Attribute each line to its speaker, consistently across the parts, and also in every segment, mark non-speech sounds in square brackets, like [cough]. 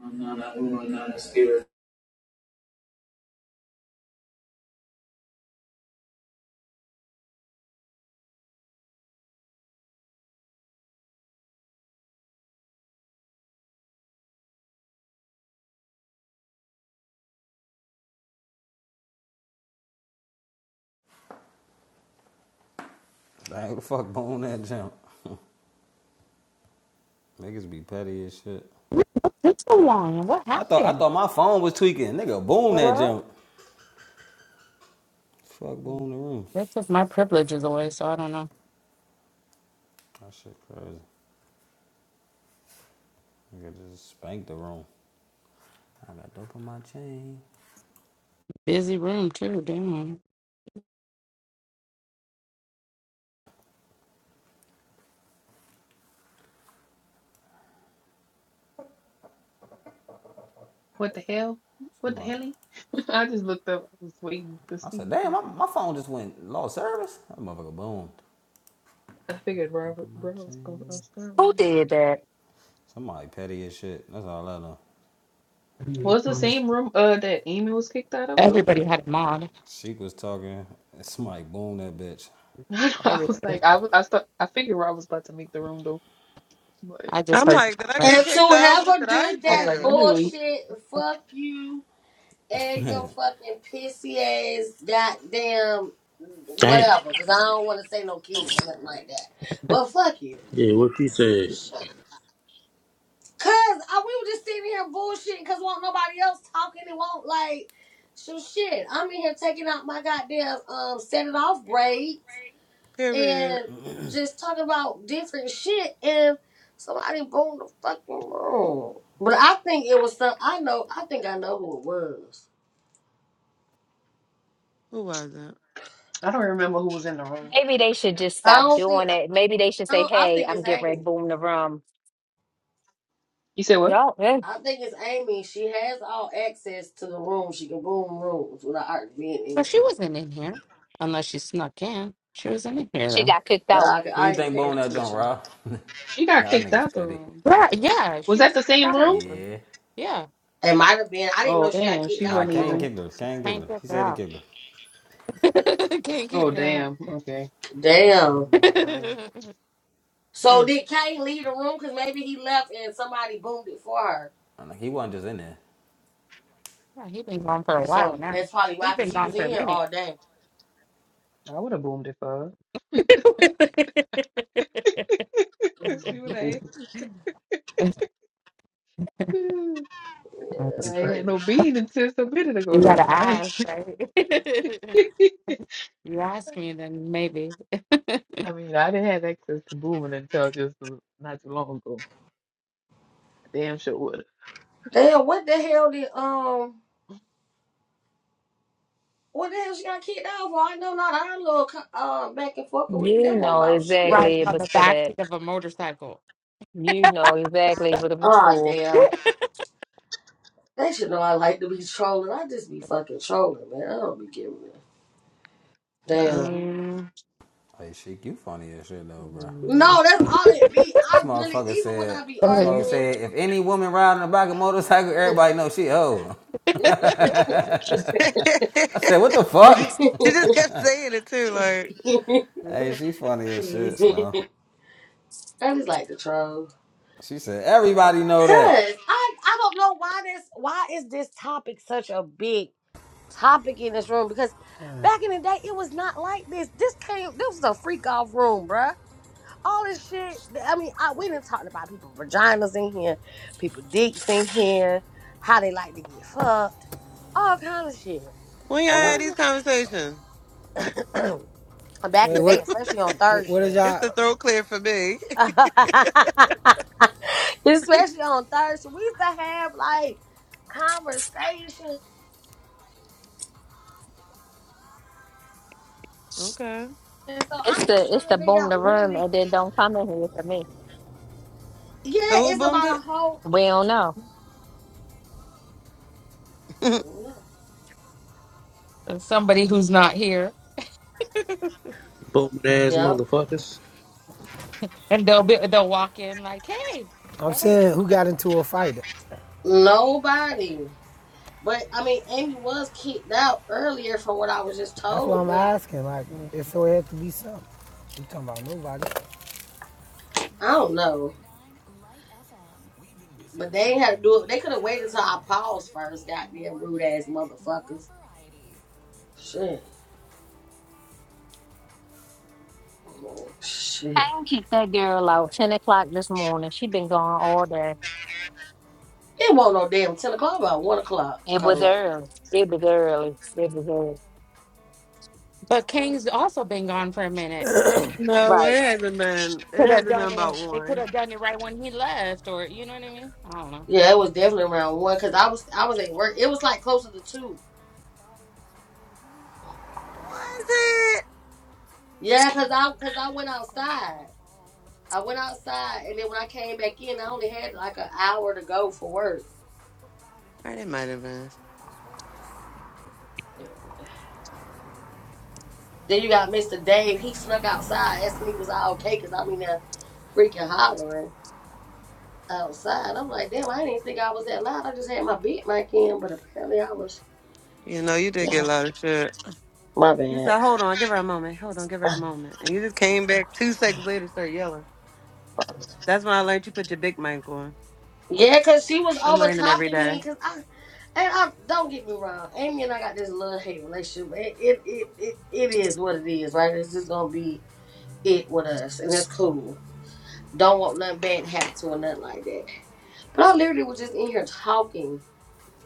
Speaker 1: He was not a member of the American Academy
Speaker 2: Dang, the fuck boom that jump. Niggas be petty as shit.
Speaker 3: What took so long? and What
Speaker 2: I thought I
Speaker 3: happened?
Speaker 2: thought my phone was tweaking. Nigga, boom that
Speaker 3: Hello?
Speaker 2: jump. Fuck boom
Speaker 3: They
Speaker 2: the room.
Speaker 3: took my privileges away, so I don't know.
Speaker 2: That shit crazy. Nigga just spanked the room. I got dope on my chain.
Speaker 3: Busy room too, damn.
Speaker 4: What the hell? What the
Speaker 2: Somebody-
Speaker 4: helly? [laughs] I just looked up. I was waiting to
Speaker 2: I
Speaker 4: see
Speaker 2: said,
Speaker 4: if
Speaker 2: damn, my,
Speaker 4: one.
Speaker 2: my phone just went lost service. That motherfucker boomed.
Speaker 4: I figured
Speaker 2: Got Dope
Speaker 4: Robert
Speaker 2: on
Speaker 4: Bro
Speaker 2: my
Speaker 4: was gonna
Speaker 2: chain.
Speaker 4: ask that
Speaker 5: Who
Speaker 4: one.
Speaker 5: did that?
Speaker 2: Somebody petty as shit. That's all I know.
Speaker 4: Was the same room uh that Amy was kicked out of though?
Speaker 3: Everybody had a mod.
Speaker 2: Sheik was talking. and Somebody boomed that bitch.
Speaker 4: [laughs] I
Speaker 3: Everybody.
Speaker 4: was like, I was, I thought, I figured Rob was about to make the room though, but
Speaker 3: I just
Speaker 6: I'm
Speaker 3: heard.
Speaker 4: I
Speaker 6: like,
Speaker 4: was,
Speaker 6: did I
Speaker 4: about
Speaker 6: get
Speaker 3: [laughs]
Speaker 7: And
Speaker 4: to,
Speaker 6: kicked
Speaker 7: to
Speaker 6: out? What
Speaker 7: ever
Speaker 6: did I
Speaker 7: do
Speaker 4: I was
Speaker 7: that
Speaker 4: like, let
Speaker 6: do?
Speaker 4: me wait.
Speaker 7: bullshit, fuck you and your fucking pissy ass goddamn
Speaker 8: Damn.
Speaker 7: whatever. Cause I don't want to say no kids or nothing like that. But fuck you.
Speaker 8: Yeah, what she said.
Speaker 7: Shut. Cause I, we were just sitting here bullshitting cause won't nobody else talking and won't like so shit. I'm in here taking out my goddamn um set it off braids.
Speaker 6: Period.
Speaker 7: and just talk about different shit and somebody boomed the fucking room. But I think it was some. I know. I think I know who it was.
Speaker 6: Who was it?
Speaker 4: I don't remember who was in the room.
Speaker 5: Maybe they should just
Speaker 7: I
Speaker 5: stop
Speaker 7: don't think.
Speaker 5: doing it. Maybe they should
Speaker 7: I
Speaker 5: say,
Speaker 7: don't. I
Speaker 5: "Hey,
Speaker 7: think
Speaker 5: I'm
Speaker 7: it's
Speaker 5: getting ready to
Speaker 7: Amy.
Speaker 5: boom the room."
Speaker 4: You said what?
Speaker 5: Y'all, eh,
Speaker 7: I think it's Amy. She has all access to the room. She can boom rooms without Art being in
Speaker 3: But she
Speaker 7: here.
Speaker 3: wasn't in here, unless she snuck in. She wasn't in here
Speaker 5: she
Speaker 3: though.
Speaker 5: got kicked
Speaker 7: But
Speaker 5: out.
Speaker 7: I,
Speaker 2: Who you
Speaker 7: I didn't
Speaker 2: think
Speaker 7: pay
Speaker 2: boomed that jump,
Speaker 7: attention.
Speaker 2: Rob? [laughs]
Speaker 4: She got
Speaker 2: Y'all
Speaker 4: kicked
Speaker 2: niggas
Speaker 4: out the
Speaker 2: petty.
Speaker 4: room.
Speaker 3: Yeah, yeah,
Speaker 4: Was
Speaker 3: she
Speaker 4: that
Speaker 3: was.
Speaker 4: the same room?
Speaker 2: Yeah.
Speaker 3: Yeah,
Speaker 7: It might have been. I didn't know
Speaker 4: Oh
Speaker 7: she got
Speaker 4: damn,
Speaker 7: kicked
Speaker 4: she
Speaker 7: out
Speaker 2: Nah,
Speaker 7: the
Speaker 4: wasn't
Speaker 2: Kane
Speaker 4: even.
Speaker 7: room.
Speaker 2: kicked her. Kane kicked
Speaker 3: can't
Speaker 2: her.
Speaker 3: get
Speaker 2: He
Speaker 3: her
Speaker 2: said he
Speaker 3: out.
Speaker 2: kicked her.
Speaker 3: [laughs] can't
Speaker 4: Oh
Speaker 3: get her out.
Speaker 4: damn. Okay,
Speaker 7: Damn.
Speaker 3: [laughs]
Speaker 2: I'm
Speaker 3: yeah,
Speaker 6: Eh,
Speaker 7: So did Kane leave the room? Cause maybe he left and somebody boomed it for her.
Speaker 2: like, he wasn't just in there.
Speaker 3: he has been gone for a while
Speaker 7: So
Speaker 3: now.
Speaker 7: that's probably
Speaker 3: He's
Speaker 7: why. Cause
Speaker 3: been
Speaker 7: he was
Speaker 3: gone for
Speaker 7: in
Speaker 3: a
Speaker 7: here
Speaker 3: minute.
Speaker 7: all day.
Speaker 4: I would have boomed it for her.
Speaker 3: [laughs] I
Speaker 4: [laughs] See what
Speaker 7: Mm-hmm.
Speaker 4: I
Speaker 7: Yeah,
Speaker 4: asked me [sighs]
Speaker 3: don't
Speaker 7: that's
Speaker 4: I ain't had
Speaker 7: crazy.
Speaker 4: no bean until a minute ago,
Speaker 3: You
Speaker 4: though.
Speaker 3: gotta
Speaker 4: I,
Speaker 3: ask, right? [laughs]
Speaker 4: ain't- [laughs]
Speaker 3: you ask me, then maybe.
Speaker 4: I mean, I didn't have access to booming until just a- not too long ago. I damn sure would.
Speaker 7: Damn, what the hell did um what the hell she got kicked out for? I know not our little co- uh back and forth with
Speaker 5: You
Speaker 7: that one
Speaker 5: know
Speaker 7: about shit.
Speaker 3: Riding
Speaker 5: exactly it
Speaker 3: on
Speaker 5: was
Speaker 3: the
Speaker 5: for that.
Speaker 3: backseat of a motorcycle.
Speaker 5: You know exactly what it was
Speaker 7: Ah
Speaker 5: for.
Speaker 7: damn. They should know I like to be trolling. I just be fucking trolling, man. I don't be giving it. Damn.
Speaker 6: Um,
Speaker 2: Hey, Sheik, you funny as shit though, bro.
Speaker 3: Mhm.
Speaker 7: No, that's all it be.
Speaker 2: This
Speaker 7: I really
Speaker 2: motherfucker
Speaker 7: even when
Speaker 2: said.
Speaker 7: I be
Speaker 2: This motherfucker
Speaker 3: [laughs]
Speaker 7: arguing
Speaker 2: said, if any woman riding a bike or motorcycle, everybody know she hoe.
Speaker 6: [laughs] she
Speaker 2: I said, what the fuck?
Speaker 6: just kept saying it too. Like,
Speaker 7: [laughs]
Speaker 2: Hey, she funny as shit, Slow.
Speaker 7: I just like to troll.
Speaker 2: She said, everybody know
Speaker 7: Cause
Speaker 2: that.
Speaker 7: I I don't know why this why is this topic such a big topic in this room because back in the day it was not like this. This came this was a freak off room, bruh. All this shit. I mean, I we didn't talk about people vaginas in here, people dicks in here, how they like to get fucked, all kind of shit.
Speaker 6: when y'all
Speaker 7: So
Speaker 6: had
Speaker 9: Well,
Speaker 6: these
Speaker 7: when
Speaker 6: conversations,
Speaker 7: it [clears throat] back in
Speaker 9: wait,
Speaker 7: the day,
Speaker 9: what,
Speaker 7: especially on
Speaker 9: what,
Speaker 7: third
Speaker 9: what is
Speaker 7: shift.
Speaker 6: it's
Speaker 9: y'all?
Speaker 6: the throat clear for me.
Speaker 7: [laughs]
Speaker 6: [laughs]
Speaker 7: especially on third shift, we used to have like conversations.
Speaker 6: okay.
Speaker 7: So
Speaker 5: It's
Speaker 7: I'm
Speaker 5: the
Speaker 7: just trying
Speaker 5: it's
Speaker 7: to
Speaker 5: the
Speaker 7: figure
Speaker 5: boom
Speaker 7: out
Speaker 5: the
Speaker 7: when
Speaker 5: room,
Speaker 7: did it
Speaker 5: and then don't come in here for me.
Speaker 6: So
Speaker 7: yeah,
Speaker 6: who
Speaker 7: it's
Speaker 6: boomed
Speaker 7: about
Speaker 6: it?
Speaker 7: a whole.
Speaker 5: We don't know.
Speaker 6: [laughs]
Speaker 3: Somebody who's not here,
Speaker 8: Bum ass
Speaker 7: Yep.
Speaker 8: motherfuckers.
Speaker 3: and they'll be they'll walk in like, "Hey,
Speaker 9: I'm
Speaker 3: hey."
Speaker 9: saying who got into a fight?
Speaker 7: Nobody. But I mean, Amy was kicked out earlier from what I was just
Speaker 9: That's what
Speaker 7: told,
Speaker 9: I'm
Speaker 7: but
Speaker 9: asking. Like,
Speaker 3: Mhm.
Speaker 9: if so, it had to be something. You talking about nobody?
Speaker 7: I don't know. But they ain't had to do it. They could have waited till I paused first, goddamn rude ass motherfuckers. Shit. Oh, Shit.
Speaker 5: I can keep that girl out. Ten o'clock this morning. She been gone all day.
Speaker 7: It wasn't no damn ten o'clock, about one o'clock,
Speaker 5: It was
Speaker 7: Cole.
Speaker 5: early. It was early. It was early.
Speaker 3: But King's also been gone for a minute.
Speaker 6: no,
Speaker 5: Right.
Speaker 6: it hasn't been. It
Speaker 3: Could have
Speaker 6: hasn't been
Speaker 3: done it.
Speaker 6: about
Speaker 3: They could
Speaker 6: one.
Speaker 3: have done it right when he left, or you know what I mean? I don't know.
Speaker 7: Yeah, it was definitely around one because I was I was at work. It was like closer to two.
Speaker 6: Was it?
Speaker 7: Yeah, cause I cause I went outside. I went outside and then when I came back in, I only had like an hour to go for work.
Speaker 6: Or it might have been.
Speaker 7: Yeah. Then you got Mr. Dave. He snuck outside, asked me was I okay, cause I'm in there freaking hollering outside. I'm like, damn, I didn't even think I was that loud. I just had my beat mic in, but apparently I was.
Speaker 6: You know, you
Speaker 7: [laughs]
Speaker 6: did get a lot of shit.
Speaker 7: My
Speaker 6: You
Speaker 7: bad.
Speaker 6: said, hold on, give her a moment. Hold on, give her a moment. And you just came back two seconds later, start yelling. That's when I learned you put your big mic on.
Speaker 7: Yeah, cause she was
Speaker 6: I'm
Speaker 7: over
Speaker 6: learning every
Speaker 7: talking me,
Speaker 6: day.
Speaker 7: cause I. And I don't get me wrong, Amy and I got this love hate relationship. It it, it it it is what it is, right? It's just gonna be it with us, and that's cool. Don't want nothing bad to happen to her, nothing like that. But I literally was just in here talking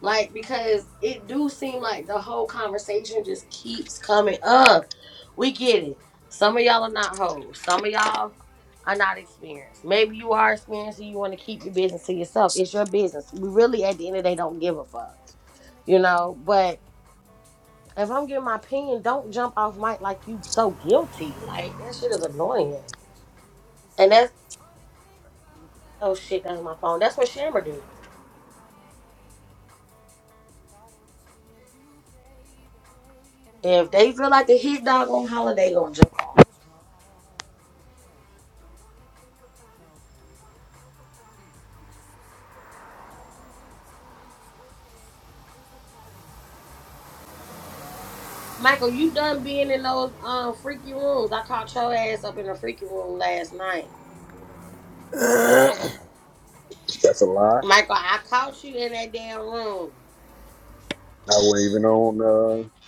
Speaker 7: Like because it do seem like the whole conversation just keeps coming up. We get it. Some of y'all are not hoes. Some of y'all are not experienced. Maybe you are experienced and you want to keep your business to yourself. It's your business. We really at the end of the day don't give a fuck. You know, but if I'm giving my opinion, don't jump off mic like you so guilty. Like that shit is annoying. And that's oh shit, that's my phone. That's what Shammer did. If they feel like the hit dog on holiday gonna jump. Michael, you done being in those um freaky rooms. I caught your ass up in a freaky room last night.
Speaker 10: That's a lie.
Speaker 7: Michael, I caught you in that damn room.
Speaker 10: I wasn't even on. Uh,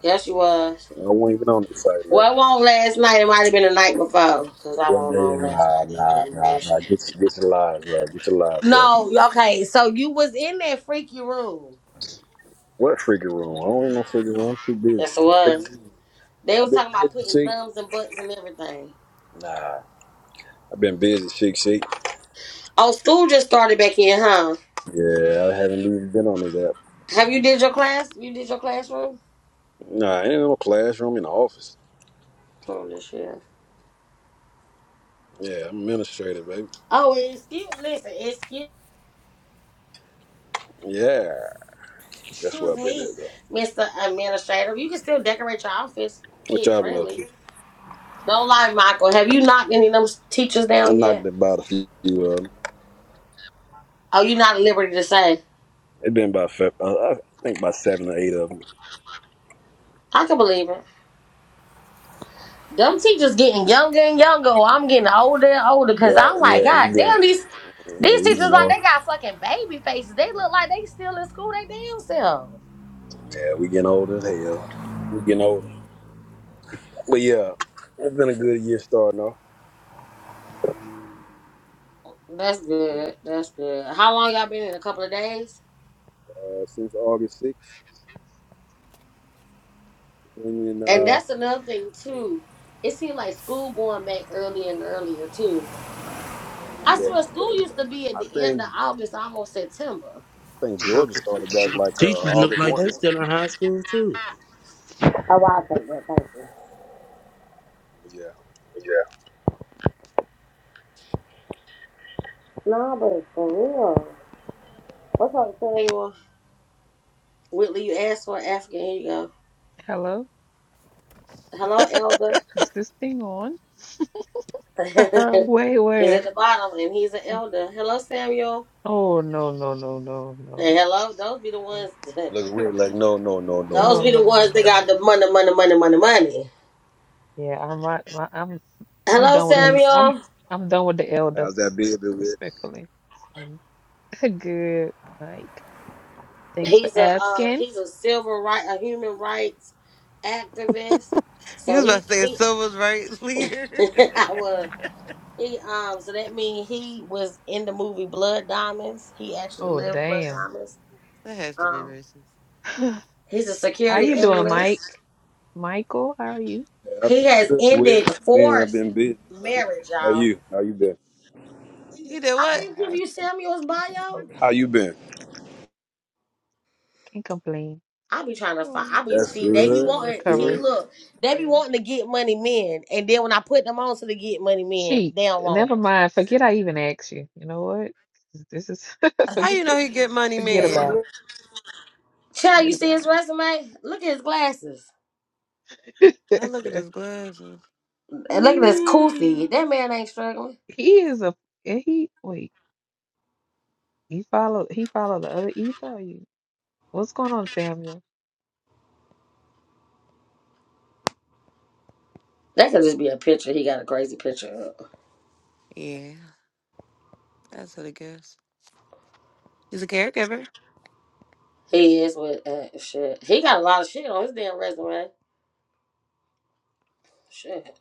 Speaker 7: Yes, you was.
Speaker 10: I wasn't even on the site, man.
Speaker 7: Well, it won't last night. It might have been the night before, cause I
Speaker 10: One
Speaker 7: wasn't
Speaker 10: day,
Speaker 7: on last
Speaker 10: nah,
Speaker 7: night
Speaker 10: nah,
Speaker 7: either. It
Speaker 10: nah, nah.
Speaker 7: Bullshit.
Speaker 10: Get get your lies right. Get your lies right.
Speaker 7: No, okay. So you was in that freaky room.
Speaker 10: What freaking room? I don't even know freaking room. I'm too busy.
Speaker 7: Yes, it
Speaker 10: I've been
Speaker 7: was.
Speaker 10: busy.
Speaker 7: They
Speaker 10: I've
Speaker 7: was
Speaker 10: been
Speaker 7: talking about
Speaker 10: busy,
Speaker 7: putting
Speaker 10: sick.
Speaker 7: thumbs and butts and everything.
Speaker 10: Nah, I've been busy, sick, sick.
Speaker 7: Oh, school just started back in, huh?
Speaker 10: Yeah, I haven't even been on this app.
Speaker 7: Have you did your class? You did your classroom?
Speaker 10: Nah, I ain't in no classroom in the office.
Speaker 7: Oh, this year.
Speaker 10: Yeah, I'm administrative, baby.
Speaker 7: Oh, it's still listen. It's
Speaker 10: Yeah, that's where
Speaker 7: Excuse
Speaker 10: I've been
Speaker 7: me,
Speaker 10: at though.
Speaker 7: Mr. Administrator. You can still decorate your office
Speaker 10: What
Speaker 7: kid
Speaker 10: y'all been up to?
Speaker 7: friendly. Don't lie, Michael. Have you knocked any of them teachers
Speaker 10: I
Speaker 7: down
Speaker 10: knocked
Speaker 7: yet?
Speaker 10: about a few. Uh,
Speaker 7: Oh, you not at liberty to say.
Speaker 10: it been about fe- uh, I think about seven or eight of them.
Speaker 7: I can believe it. Them teachers getting younger and younger. while I'm getting older and older
Speaker 10: Yeah,
Speaker 7: because I'm
Speaker 10: yeah,
Speaker 7: like,
Speaker 10: we
Speaker 7: God
Speaker 10: getting,
Speaker 7: damn, these
Speaker 10: yeah,
Speaker 7: these
Speaker 10: we
Speaker 7: teachers
Speaker 10: getting
Speaker 7: like
Speaker 10: old.
Speaker 7: they got fucking baby faces. They look like they still in school they damn self.
Speaker 10: Yeah, we getting old as hell. We getting older. But yeah, it's been a good year starting off.
Speaker 7: That's
Speaker 10: You
Speaker 7: good. That's good. How long y'all been in? A couple of days?
Speaker 10: know, uh, since August 6th, when in
Speaker 7: And
Speaker 10: uh,
Speaker 7: that's another thing too. It seemed like school going back earlier and earlier too. I
Speaker 10: yeah,
Speaker 7: swear school used
Speaker 10: Georgia,
Speaker 7: to be at
Speaker 10: I
Speaker 7: the end
Speaker 10: think
Speaker 7: of August, almost September.
Speaker 10: I think Georgia started back like uh,
Speaker 8: Teachers look
Speaker 10: August
Speaker 8: like
Speaker 10: 1.
Speaker 8: they still in high school too.
Speaker 7: Oh, wow, thank you, thank you.
Speaker 10: But yeah,
Speaker 7: No, but for real. What's up, Hey, sis? well, Whitley, you asked for African. Here you go.
Speaker 4: Hello?
Speaker 7: Hello, Elder.
Speaker 4: Is this thing on?
Speaker 7: [laughs]
Speaker 6: [laughs] you
Speaker 4: Wait,
Speaker 7: he's at
Speaker 4: wait.
Speaker 7: the bottom, and he's an elder. Hello, Samuel.
Speaker 4: Oh, no, no, no, no, no,
Speaker 7: And hello, those be the
Speaker 4: no.
Speaker 7: ones. [laughs]
Speaker 10: look weird. Like no, no, no, no,
Speaker 7: Those
Speaker 4: No,
Speaker 10: no.
Speaker 7: be the
Speaker 4: no, no, no,
Speaker 7: ones
Speaker 4: no,
Speaker 7: that
Speaker 4: no.
Speaker 7: got
Speaker 4: no.
Speaker 7: the money, money, money, money, money.
Speaker 4: Yeah, I'm, I, am I'm, I'm
Speaker 7: Hello,
Speaker 4: done with the,
Speaker 6: was
Speaker 4: I'm,
Speaker 7: Samuel.
Speaker 4: I'm done with the elder,
Speaker 10: How's that been? Been with?
Speaker 4: respectfully. So, [laughs] good, Mike. Thanks for
Speaker 7: He's a um,
Speaker 4: asking.
Speaker 7: he's a civil right, a human rights activist. So
Speaker 6: about
Speaker 7: he
Speaker 6: to say a
Speaker 7: he,
Speaker 6: civil
Speaker 7: [laughs]
Speaker 6: leader.
Speaker 7: I was. He um so that means he was in the movie Blood Diamonds. He actually
Speaker 4: Oh,
Speaker 7: lived Blood
Speaker 4: damn.
Speaker 7: Diamonds.
Speaker 6: [laughs] that has to be
Speaker 7: Um
Speaker 6: racist.
Speaker 4: [laughs] [sighs]
Speaker 7: he's a
Speaker 4: How
Speaker 7: security
Speaker 4: you doing,
Speaker 6: [laughs]
Speaker 7: analyst.
Speaker 4: Mike? Michael, how are you?
Speaker 10: Yeah, I've
Speaker 7: He
Speaker 10: been
Speaker 7: has
Speaker 10: good. With
Speaker 7: ended
Speaker 10: man, I've
Speaker 7: forced
Speaker 10: been busy.
Speaker 7: marriage,
Speaker 10: How are
Speaker 7: y'all.
Speaker 10: you? How you How you been?
Speaker 6: he did
Speaker 7: I
Speaker 4: I'm
Speaker 6: what?
Speaker 4: all
Speaker 7: can't give
Speaker 4: right.
Speaker 7: you Samuel's bio.
Speaker 4: Mhm.
Speaker 10: How you been?
Speaker 4: Can't complain.
Speaker 7: I be trying to find
Speaker 6: Oh.
Speaker 7: I be
Speaker 10: That's
Speaker 7: see they be
Speaker 4: Just on
Speaker 10: good.
Speaker 4: the
Speaker 10: That's
Speaker 7: wanting see
Speaker 4: recovery.
Speaker 10: good.
Speaker 7: look, they be
Speaker 4: Yeah.
Speaker 7: wanting to get money men and then when I put them on to the get money men,
Speaker 4: She,
Speaker 7: they don't want
Speaker 4: never
Speaker 7: them.
Speaker 4: mind. Forget I even asked you. You know what? This is [laughs]
Speaker 6: How you know
Speaker 4: forget
Speaker 6: he get money,
Speaker 4: forget about
Speaker 6: man?
Speaker 4: it.
Speaker 7: Child, you
Speaker 4: Forget
Speaker 7: see his
Speaker 4: about
Speaker 7: resume? Look at his glasses.
Speaker 6: I look at
Speaker 4: it.
Speaker 6: his glasses.
Speaker 4: [laughs]
Speaker 7: And look at his
Speaker 4: Ooh.
Speaker 7: koofy. That man ain't struggling.
Speaker 4: He is a and he wait, he followed he followed the other ether or you? What's going on, Samuel?
Speaker 7: That could just be a picture. He got a crazy picture up.
Speaker 6: Yeah, that's what it gives. He's a caregiver.
Speaker 7: He is with uh, shit. He got a lot of shit on his damn resume. Shit,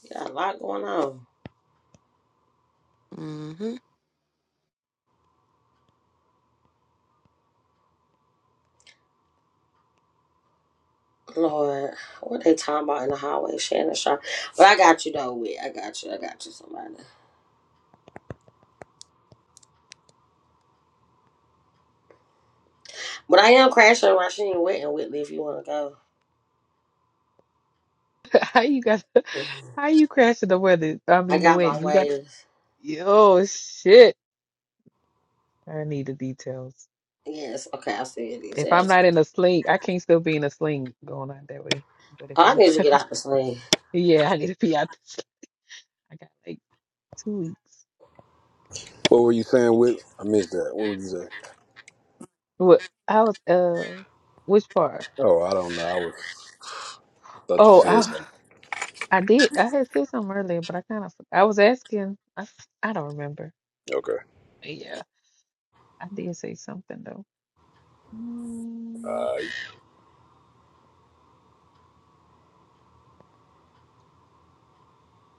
Speaker 7: he got a lot going on.
Speaker 6: hmm
Speaker 7: Lord, what they talking about in the hallway, Shannon Sharp? But I got you though, Whit. I got you. I got you, somebody. But I am crashing Rasheen Whit and Whitley if you want to
Speaker 4: [laughs] How you got
Speaker 7: go.
Speaker 4: how you crashing the weather? I
Speaker 7: I
Speaker 4: mean the
Speaker 7: got my
Speaker 4: wedding. You got
Speaker 7: ways.
Speaker 4: oh shit. I need the details.
Speaker 7: Yes, okay, I see your
Speaker 4: If I'm
Speaker 7: details.
Speaker 4: not in a sling, I can't still be in a sling going out that way. But if
Speaker 7: Oh, I
Speaker 4: I'm,
Speaker 7: need you
Speaker 4: [laughs]
Speaker 7: to
Speaker 4: if
Speaker 7: get
Speaker 4: I,
Speaker 7: out the sling.
Speaker 4: yeah, I need to be out. The sling. I got like two weeks.
Speaker 10: What were you saying? With I missed that. What were you say?
Speaker 4: What I was, uh, which part?
Speaker 10: Oh, I don't know. I was thought you
Speaker 4: Oh,
Speaker 10: said
Speaker 4: I,
Speaker 10: something.
Speaker 4: I did. I had said something earlier, but I kind of, I was asking. I, f- I don't remember.
Speaker 10: Okay.
Speaker 4: Yeah, I did say something though. Mm,
Speaker 10: Uh,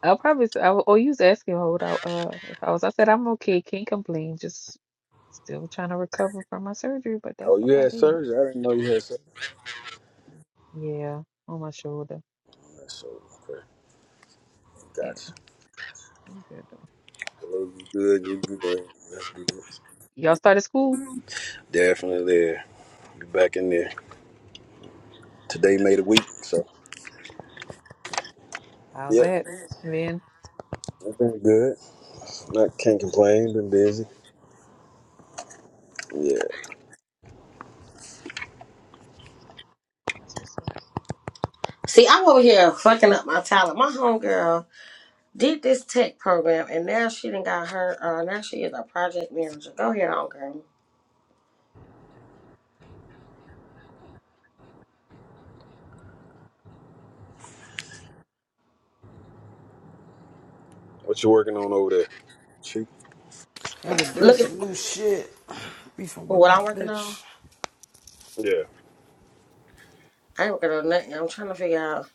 Speaker 4: I'll probably. s- I, w- oh, you was asking what I, uh, if I was. I said I'm okay. Can't complain. Just still trying to recover from my surgery, but
Speaker 10: oh,
Speaker 4: that's
Speaker 10: you had
Speaker 4: about it.
Speaker 10: surgery. I didn't know you had surgery.
Speaker 4: Yeah, on my shoulder.
Speaker 10: So okay,
Speaker 4: Yeah,
Speaker 10: gotcha.
Speaker 4: I'm good though.
Speaker 10: Well, you good. You good. That's good.
Speaker 4: Y'all started school?
Speaker 10: Definitely there. You back in there. Today made a week. So
Speaker 4: How's
Speaker 10: yep,
Speaker 4: that, Vin?
Speaker 10: I've been good. Not can't complain. Been busy. Yeah.
Speaker 4: That's what's up.
Speaker 7: See, I'm over here fucking up my talent. My homegirl did this tech program and now she done got her, uh, now she is a project manager. Go ahead, homegirl.
Speaker 10: What you working on over there? Cheap.
Speaker 2: Every day
Speaker 7: Look at
Speaker 2: some new shit. Beefing with
Speaker 7: what
Speaker 2: my
Speaker 7: I'm working on,
Speaker 2: bitch.
Speaker 10: Yeah.
Speaker 7: I ain't working on nothing. I'm trying to figure out.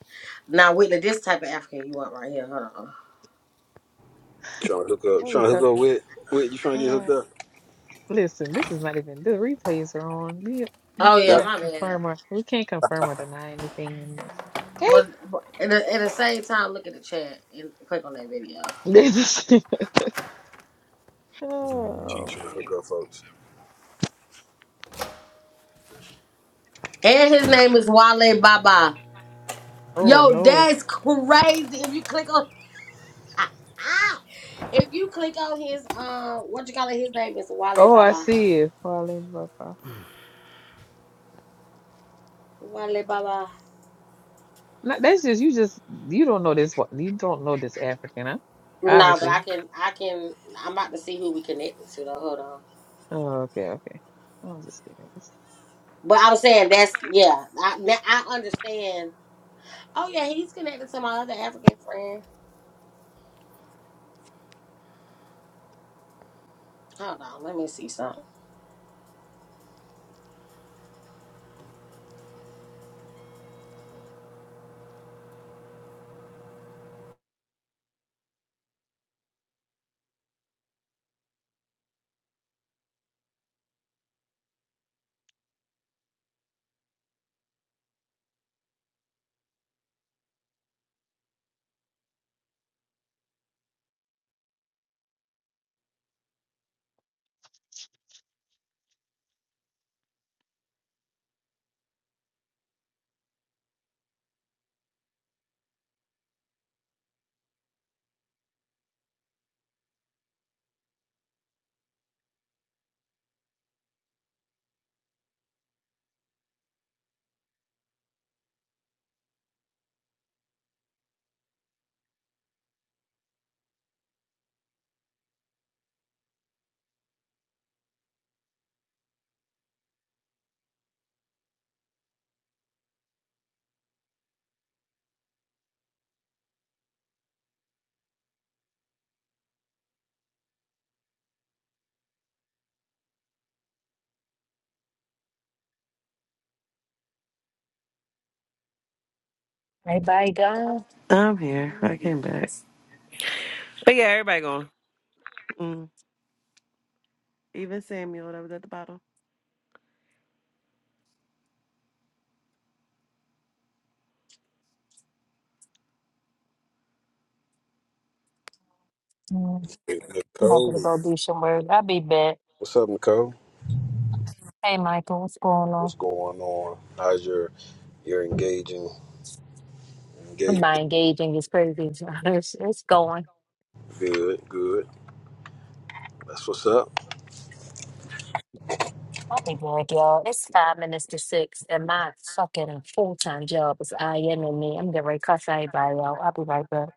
Speaker 7: Now, Whitley, this type of African you want right here. Hold on.
Speaker 10: Trying to hook up.
Speaker 4: Why we
Speaker 10: Trying to hook
Speaker 4: talk?
Speaker 10: up with. Wait, you trying to get
Speaker 4: Uh,
Speaker 10: hooked up?
Speaker 4: listen, this is not even the replays are on. We we
Speaker 7: Oh yeah,
Speaker 10: That
Speaker 4: cannot
Speaker 7: my bad.
Speaker 4: confirm or we can't confirm or deny anything in this. Okay?
Speaker 7: But, but at, the, at the same time, look at the chat and click on that video.
Speaker 4: This is- [laughs]
Speaker 10: she
Speaker 4: oh
Speaker 10: trying to hook
Speaker 4: man.
Speaker 10: up, folks.
Speaker 7: And his name is Wale Baba.
Speaker 4: Oh
Speaker 7: Yo,
Speaker 4: no.
Speaker 7: that's crazy. If you click on, [laughs] if you click on his um, what you call it? His name is Wale
Speaker 4: Oh, I
Speaker 7: Baba.
Speaker 4: see it. Falling Papa.
Speaker 7: Wale Baba.
Speaker 4: No, that's just you. Just you don't know this. wa- You don't know this African, huh?
Speaker 7: Nah, but I
Speaker 4: Obviously.
Speaker 7: can, I can. I'm about to see who we connected to. Though, hold on.
Speaker 4: Oh, okay, okay. I'm just kidding.
Speaker 7: But I was saying that's yeah. I now I understand. Oh yeah, he's connected to my other African friend. Hold on, let me see something.
Speaker 5: Everybody gone.
Speaker 6: I'm here. I came back. But yeah, everybody going. Mm. Even Samuel that was at the bottom.
Speaker 5: Mm, I'm
Speaker 10: Hey,
Speaker 5: about
Speaker 10: Nicole.
Speaker 5: to go do some work. I'll be back.
Speaker 10: What's up, Nicole?
Speaker 5: Hey, Michael, what's going
Speaker 10: What's
Speaker 5: on?
Speaker 10: going on? How's your You're engaging, engaging.
Speaker 5: My engaging is crazy. [laughs] It's, it's going.
Speaker 10: Good, good. That's what's up.
Speaker 5: I'll be back, y'all. It's five minutes to six, and my fucking full time job is in me. I'm getting ready to cuss everybody, y'all. I'll be right back.